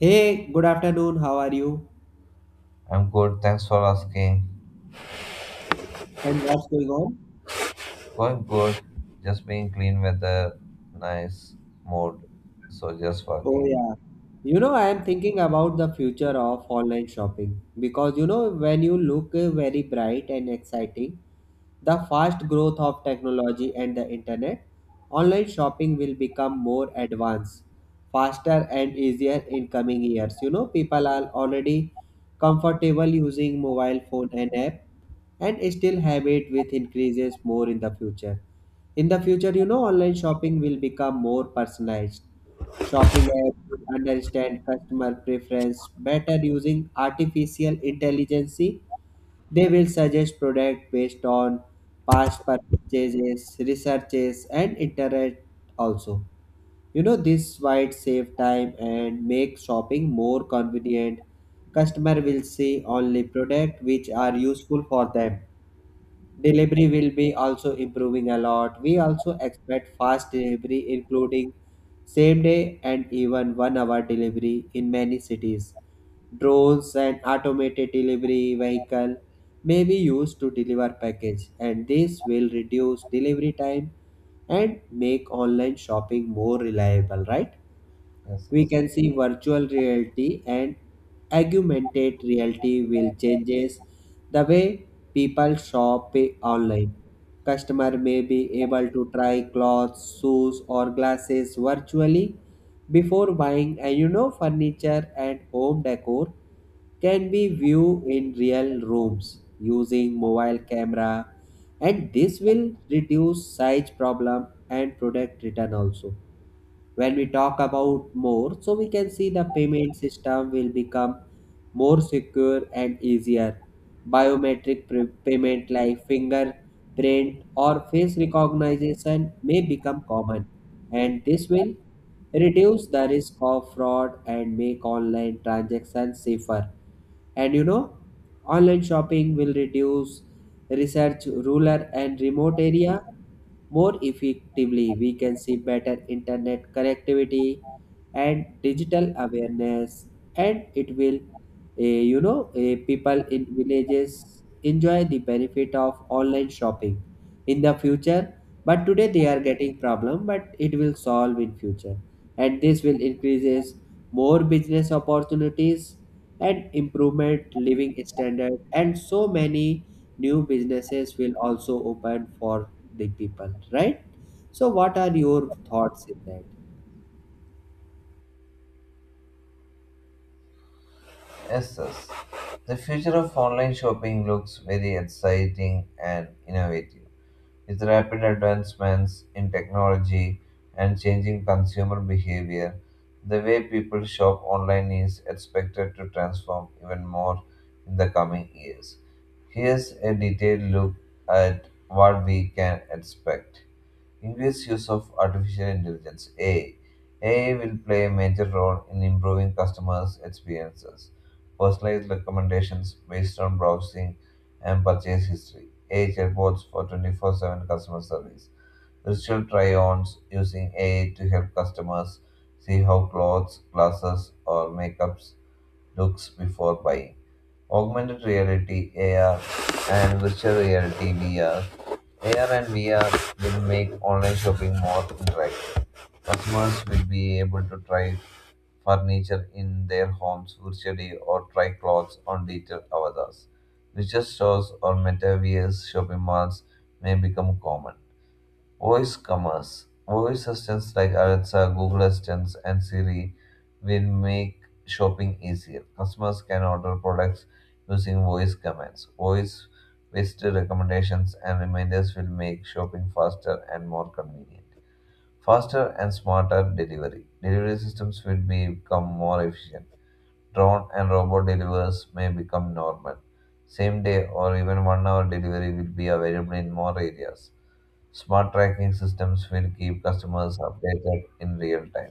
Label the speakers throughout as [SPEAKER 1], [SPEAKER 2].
[SPEAKER 1] Hey, good afternoon. How are you?
[SPEAKER 2] I'm good. Thanks for asking.
[SPEAKER 1] And what's going on?
[SPEAKER 2] Going good. Just being clean weather, nice mood. So just
[SPEAKER 1] Oh,
[SPEAKER 2] working.
[SPEAKER 1] yeah. I am thinking about the future of online shopping because when you look very bright and exciting, the fast growth of technology and the internet, online shopping will become more advanced, faster and easier in coming years. You know, people are already comfortable using mobile phone and app, and still have it with increases more in the future. In the future, online shopping will become more personalized. Shopping app will understand customer preference better using artificial intelligence. They will suggest product based on past purchases, researches, and internet also. You know, this might save time and make shopping more convenient. Customer will see only product which are useful for them. Delivery will be also improving a lot. We also expect fast delivery including same day and even 1 hour delivery in many cities. Drones and automated delivery vehicle may be used to deliver package, and this will reduce delivery time and make online shopping more reliable, right?
[SPEAKER 2] Yes, yes.
[SPEAKER 1] We can see virtual reality and augmented reality will changes the way people shop online. Customer may be able to try clothes, shoes or glasses virtually before buying, and furniture and home decor can be viewed in real rooms using mobile camera, and this will reduce size problem and product return also. When we talk about more, so we can see the payment system will become more secure and easier. Biometric payment like fingerprint or face recognition may become common, and this will reduce the risk of fraud and make online transactions safer. And online shopping will reduce research rural and remote area more effectively. We can see better internet connectivity and digital awareness, and it will, people in villages enjoy the benefit of online shopping in the future, but today they are getting problem but it will solve in future, and this will increases more business opportunities and improvement living standard, and so many new businesses will also open for the people, right? So what are your thoughts in that?
[SPEAKER 2] Yes, yes. The future of online shopping looks very exciting and innovative. With rapid advancements in technology and changing consumer behavior, the way people shop online is expected to transform even more in the coming years. Here's a detailed look at what we can expect. Increased use of artificial intelligence (AI). AI will play a major role in improving customers' experiences, personalized recommendations based on browsing and purchase history, AI chatbots for 24/7 customer service, virtual try-ons using AI to help customers see how clothes, glasses, or makeups looks before buying. Augmented reality (AR) and virtual reality (VR). AR and VR will make online shopping more interactive. Customers will be able to try furniture in their homes virtually or try clothes on digital avatars. Virtual stores or metaverse shopping malls may become common. Voice commerce. Voice assistants like Alexa, Google Assistants, and Siri will make shopping easier. Customers can order products using voice commands. Voice based recommendations and reminders will make shopping faster and more convenient. Faster and smarter delivery. Delivery systems will become more efficient. Drone and robot delivers may become normal. Same day or even 1 hour delivery will be available in more areas. Smart tracking systems will keep customers updated in real time.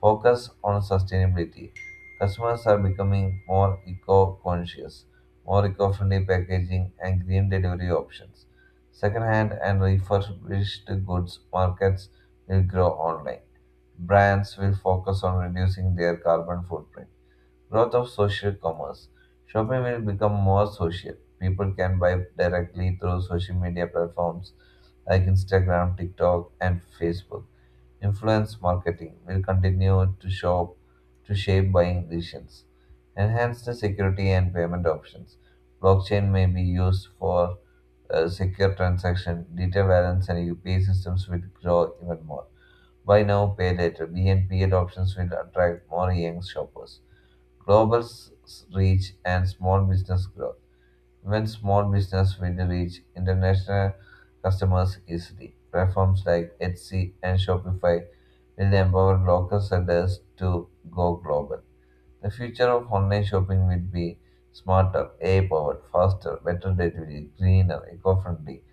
[SPEAKER 2] Focus on sustainability. Customers are becoming more eco conscious, more eco friendly packaging, and green delivery options. Secondhand and refurbished goods markets will grow online. Brands will focus on reducing their carbon footprint. Growth of social commerce. Shopping will become more social. People can buy directly through social media platforms like Instagram, TikTok, and Facebook. Influence marketing will continue to shop to shape buying decisions. Enhance the security and payment options. Blockchain may be used for secure transaction, data balance, and UPI systems will grow even more. Buy now, pay later. BNP options will attract more young shoppers. Global s- Reach and small business growth. When small business will reach international customers easily, platforms like Etsy and Shopify will empower local sellers to go global. The future of online shopping will be smarter, AI powered, faster, better delivery, greener, eco friendly,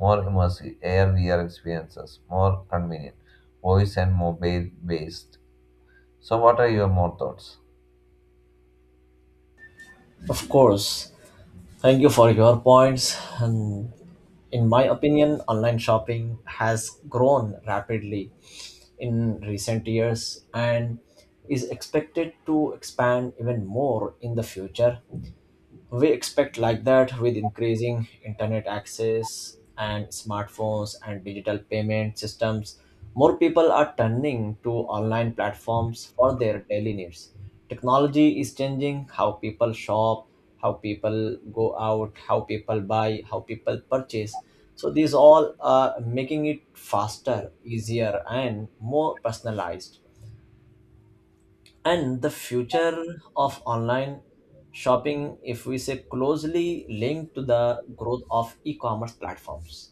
[SPEAKER 2] more immersive, AR VR experiences, more convenient, voice and mobile based. So, what are your more thoughts?
[SPEAKER 3] Of course. Thank you for your points. And in my opinion, online shopping has grown rapidly in recent years and is expected to expand even more in the future. We expect like that, with increasing internet access and smartphones and digital payment systems, more people are turning to online platforms for their daily needs. Technology is changing how people shop, how people go out, how people buy, how people purchase. So these all are making it faster, easier, and more personalized. And the future of online shopping, if we say, closely linked to the growth of e commerce platforms.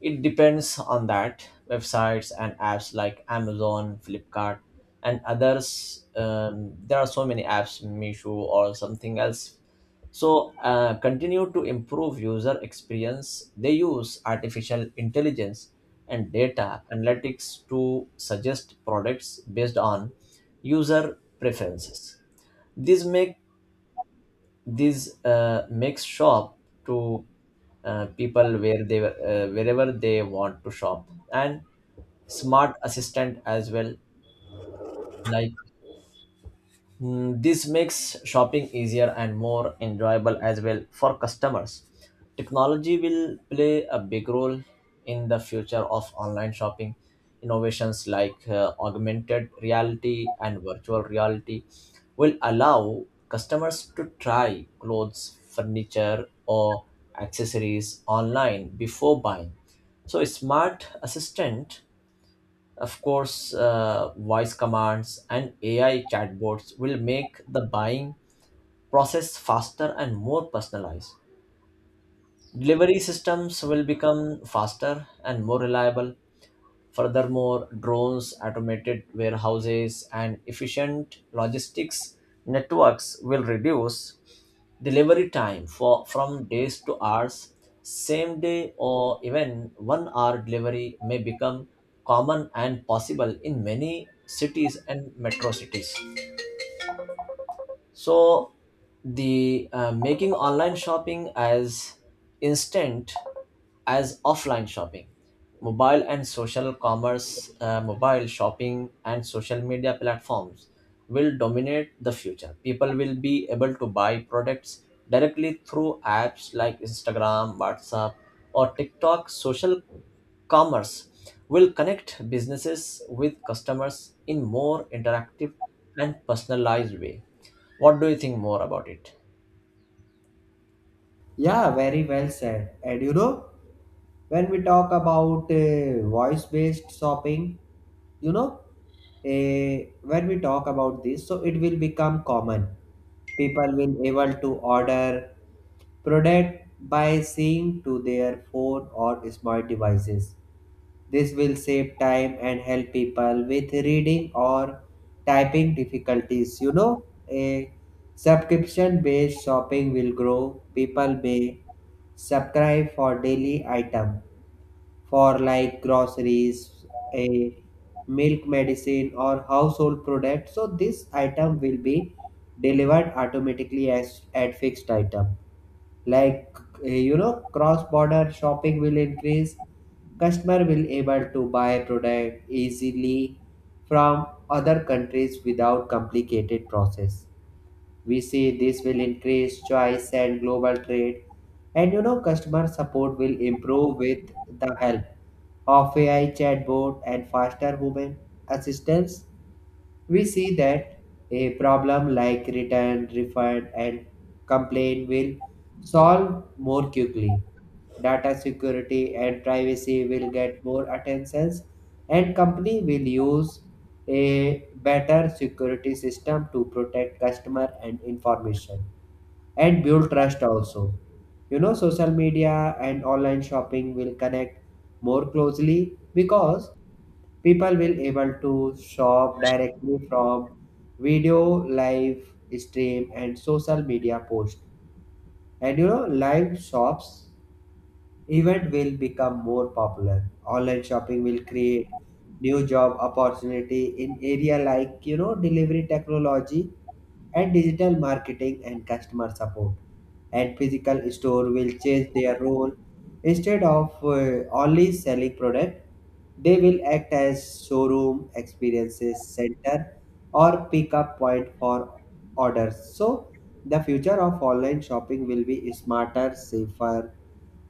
[SPEAKER 3] It depends on that. Websites and apps like Amazon, Flipkart, and others. There are so many apps, Meesho or something else. So continue to improve user experience. They use artificial intelligence and data analytics to suggest products based on user preferences. These make this makes shop to people where they wherever they want to shop, and smart assistant as well, like this makes shopping easier and more enjoyable as well for customers. Technology will play a big role in the future of online shopping. Innovations like augmented reality and virtual reality will allow customers to try clothes, furniture, or accessories online before buying. So a smart assistant, of course, voice commands and AI chatbots will make the buying process faster and more personalized. Delivery systems will become faster and more reliable. Furthermore, drones, automated warehouses, and efficient logistics networks will reduce delivery time for from days to hours. Same day or even 1 hour delivery may become common and possible in many cities and metro cities. So the making online shopping as instant as offline shopping. Mobile and social commerce, mobile shopping and social media platforms will dominate the future. People will be able to buy products directly through apps like Instagram, WhatsApp, or TikTok. Social commerce will connect businesses with customers in more interactive and personalized way. What do you think more about it?
[SPEAKER 1] Yeah, very well said. And when we talk about voice based shopping, you know uh, when we talk about this, so it will become common. People will able to order product by seeing to their phone or smart devices. This will save time and help people with reading or typing difficulties, a subscription based shopping will grow. People may subscribe for daily item for like groceries, a milk medicine or household product. So this item will be delivered automatically as at fixed item. Like, cross-border shopping will increase. Customer will able to buy product easily from other countries without complicated process. We see this will increase choice and global trade. And customer support will improve with the help of AI chatbot and faster human assistance. We see that a problem like return, refund, and complaint will solve more quickly. Data security and privacy will get more attention, and company will use a better security system to protect customer and information and build trust also. You know, social media and online shopping will connect more closely because people will able to shop directly from video live stream and social media post, and live shops event will become more popular. Online shopping will create new job opportunity in area like, delivery technology and digital marketing and customer support. And physical store will change their role. Instead of only selling product, they will act as showroom experiences center or pickup point for orders. So the future of online shopping will be smarter, safer,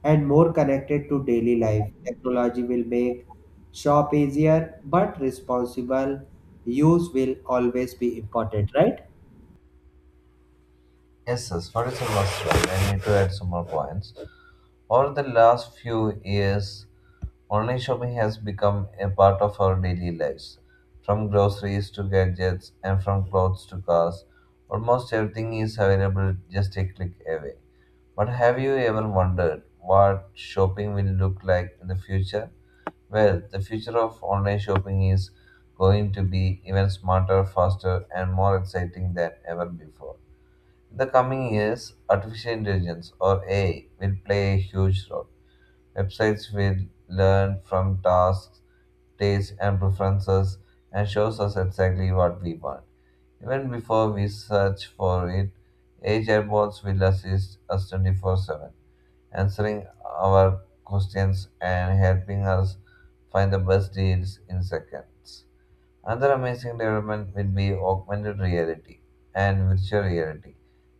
[SPEAKER 1] and more connected to daily life. Technology will make shop easier, but responsible use will always be important, right?
[SPEAKER 2] Yes, yes, Madison was right. I need to add some more points. Over the last few years, online shopping has become a part of our daily lives. From groceries to gadgets and from clothes to cars, almost everything is available just a click away. But have you ever wondered what shopping will look like in the future? Well, the future of online shopping is going to be even smarter, faster, and more exciting than ever before. In the coming years, artificial intelligence or AI will play a huge role. Websites will learn from tasks, tastes, and preferences and shows us exactly what we want. Even before we search for it, AI chatbots will assist us 24/7, answering our questions and helping us find the best deals in seconds. Another amazing development will be augmented reality and virtual reality.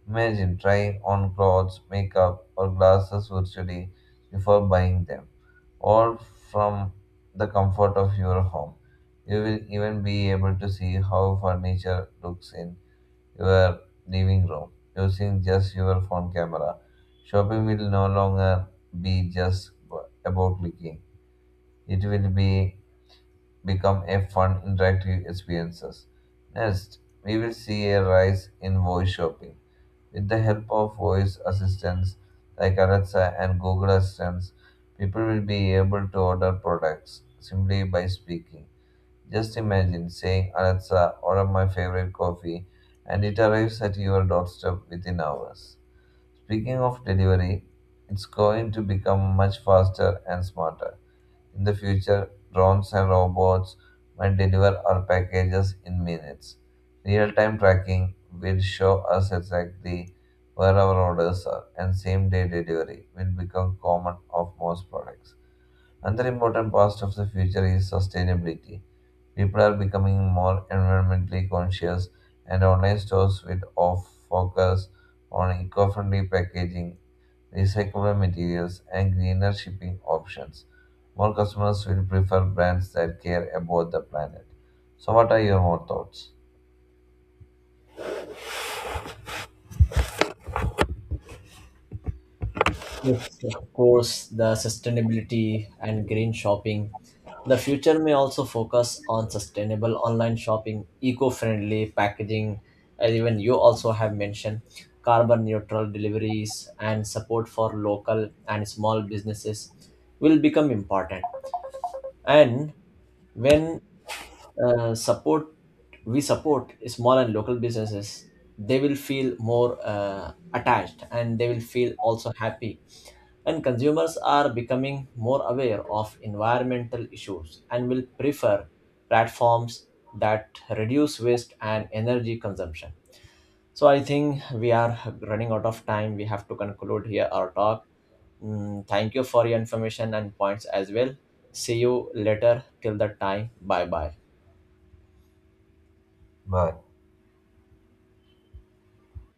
[SPEAKER 2] Imagine trying on clothes, makeup, or glasses virtually before buying them, all from the comfort of your home. You will even be able to see how furniture looks in your living room using just your phone camera. Shopping will no longer be just about clicking, it will be become a fun, interactive experiences. Next, we will see a rise in voice shopping. With the help of voice assistants like Alexa and Google Assistants, people will be able to order products simply by speaking. Just imagine saying, "Alexa, order my favorite coffee," and it arrives at your doorstep within hours. Speaking of delivery, it's going to become much faster and smarter. In the future, drones and robots might deliver our packages in minutes. Real time tracking will show us exactly where our orders are, and same day delivery will become common of most products. Another important part of the future is sustainability. People are becoming more environmentally conscious, and online stores will focus on eco friendly packaging, recyclable materials, and greener shipping options. More customers will prefer brands that care about the planet. So, what are your more thoughts?
[SPEAKER 3] Yes, of course, the sustainability and green shopping. The future may also focus on sustainable online shopping, eco friendly packaging, as even you also have mentioned, carbon neutral deliveries, and support for local and small businesses will become important. And when support we support small and local businesses, they will feel more attached, and they will feel also happy. And consumers are becoming more aware of environmental issues and will prefer platforms that reduce waste and energy consumption. So I think we are running out of time. We have to conclude here our talk. Thank you for your information and points as well. See you later. Till that time, bye bye.
[SPEAKER 2] Bye.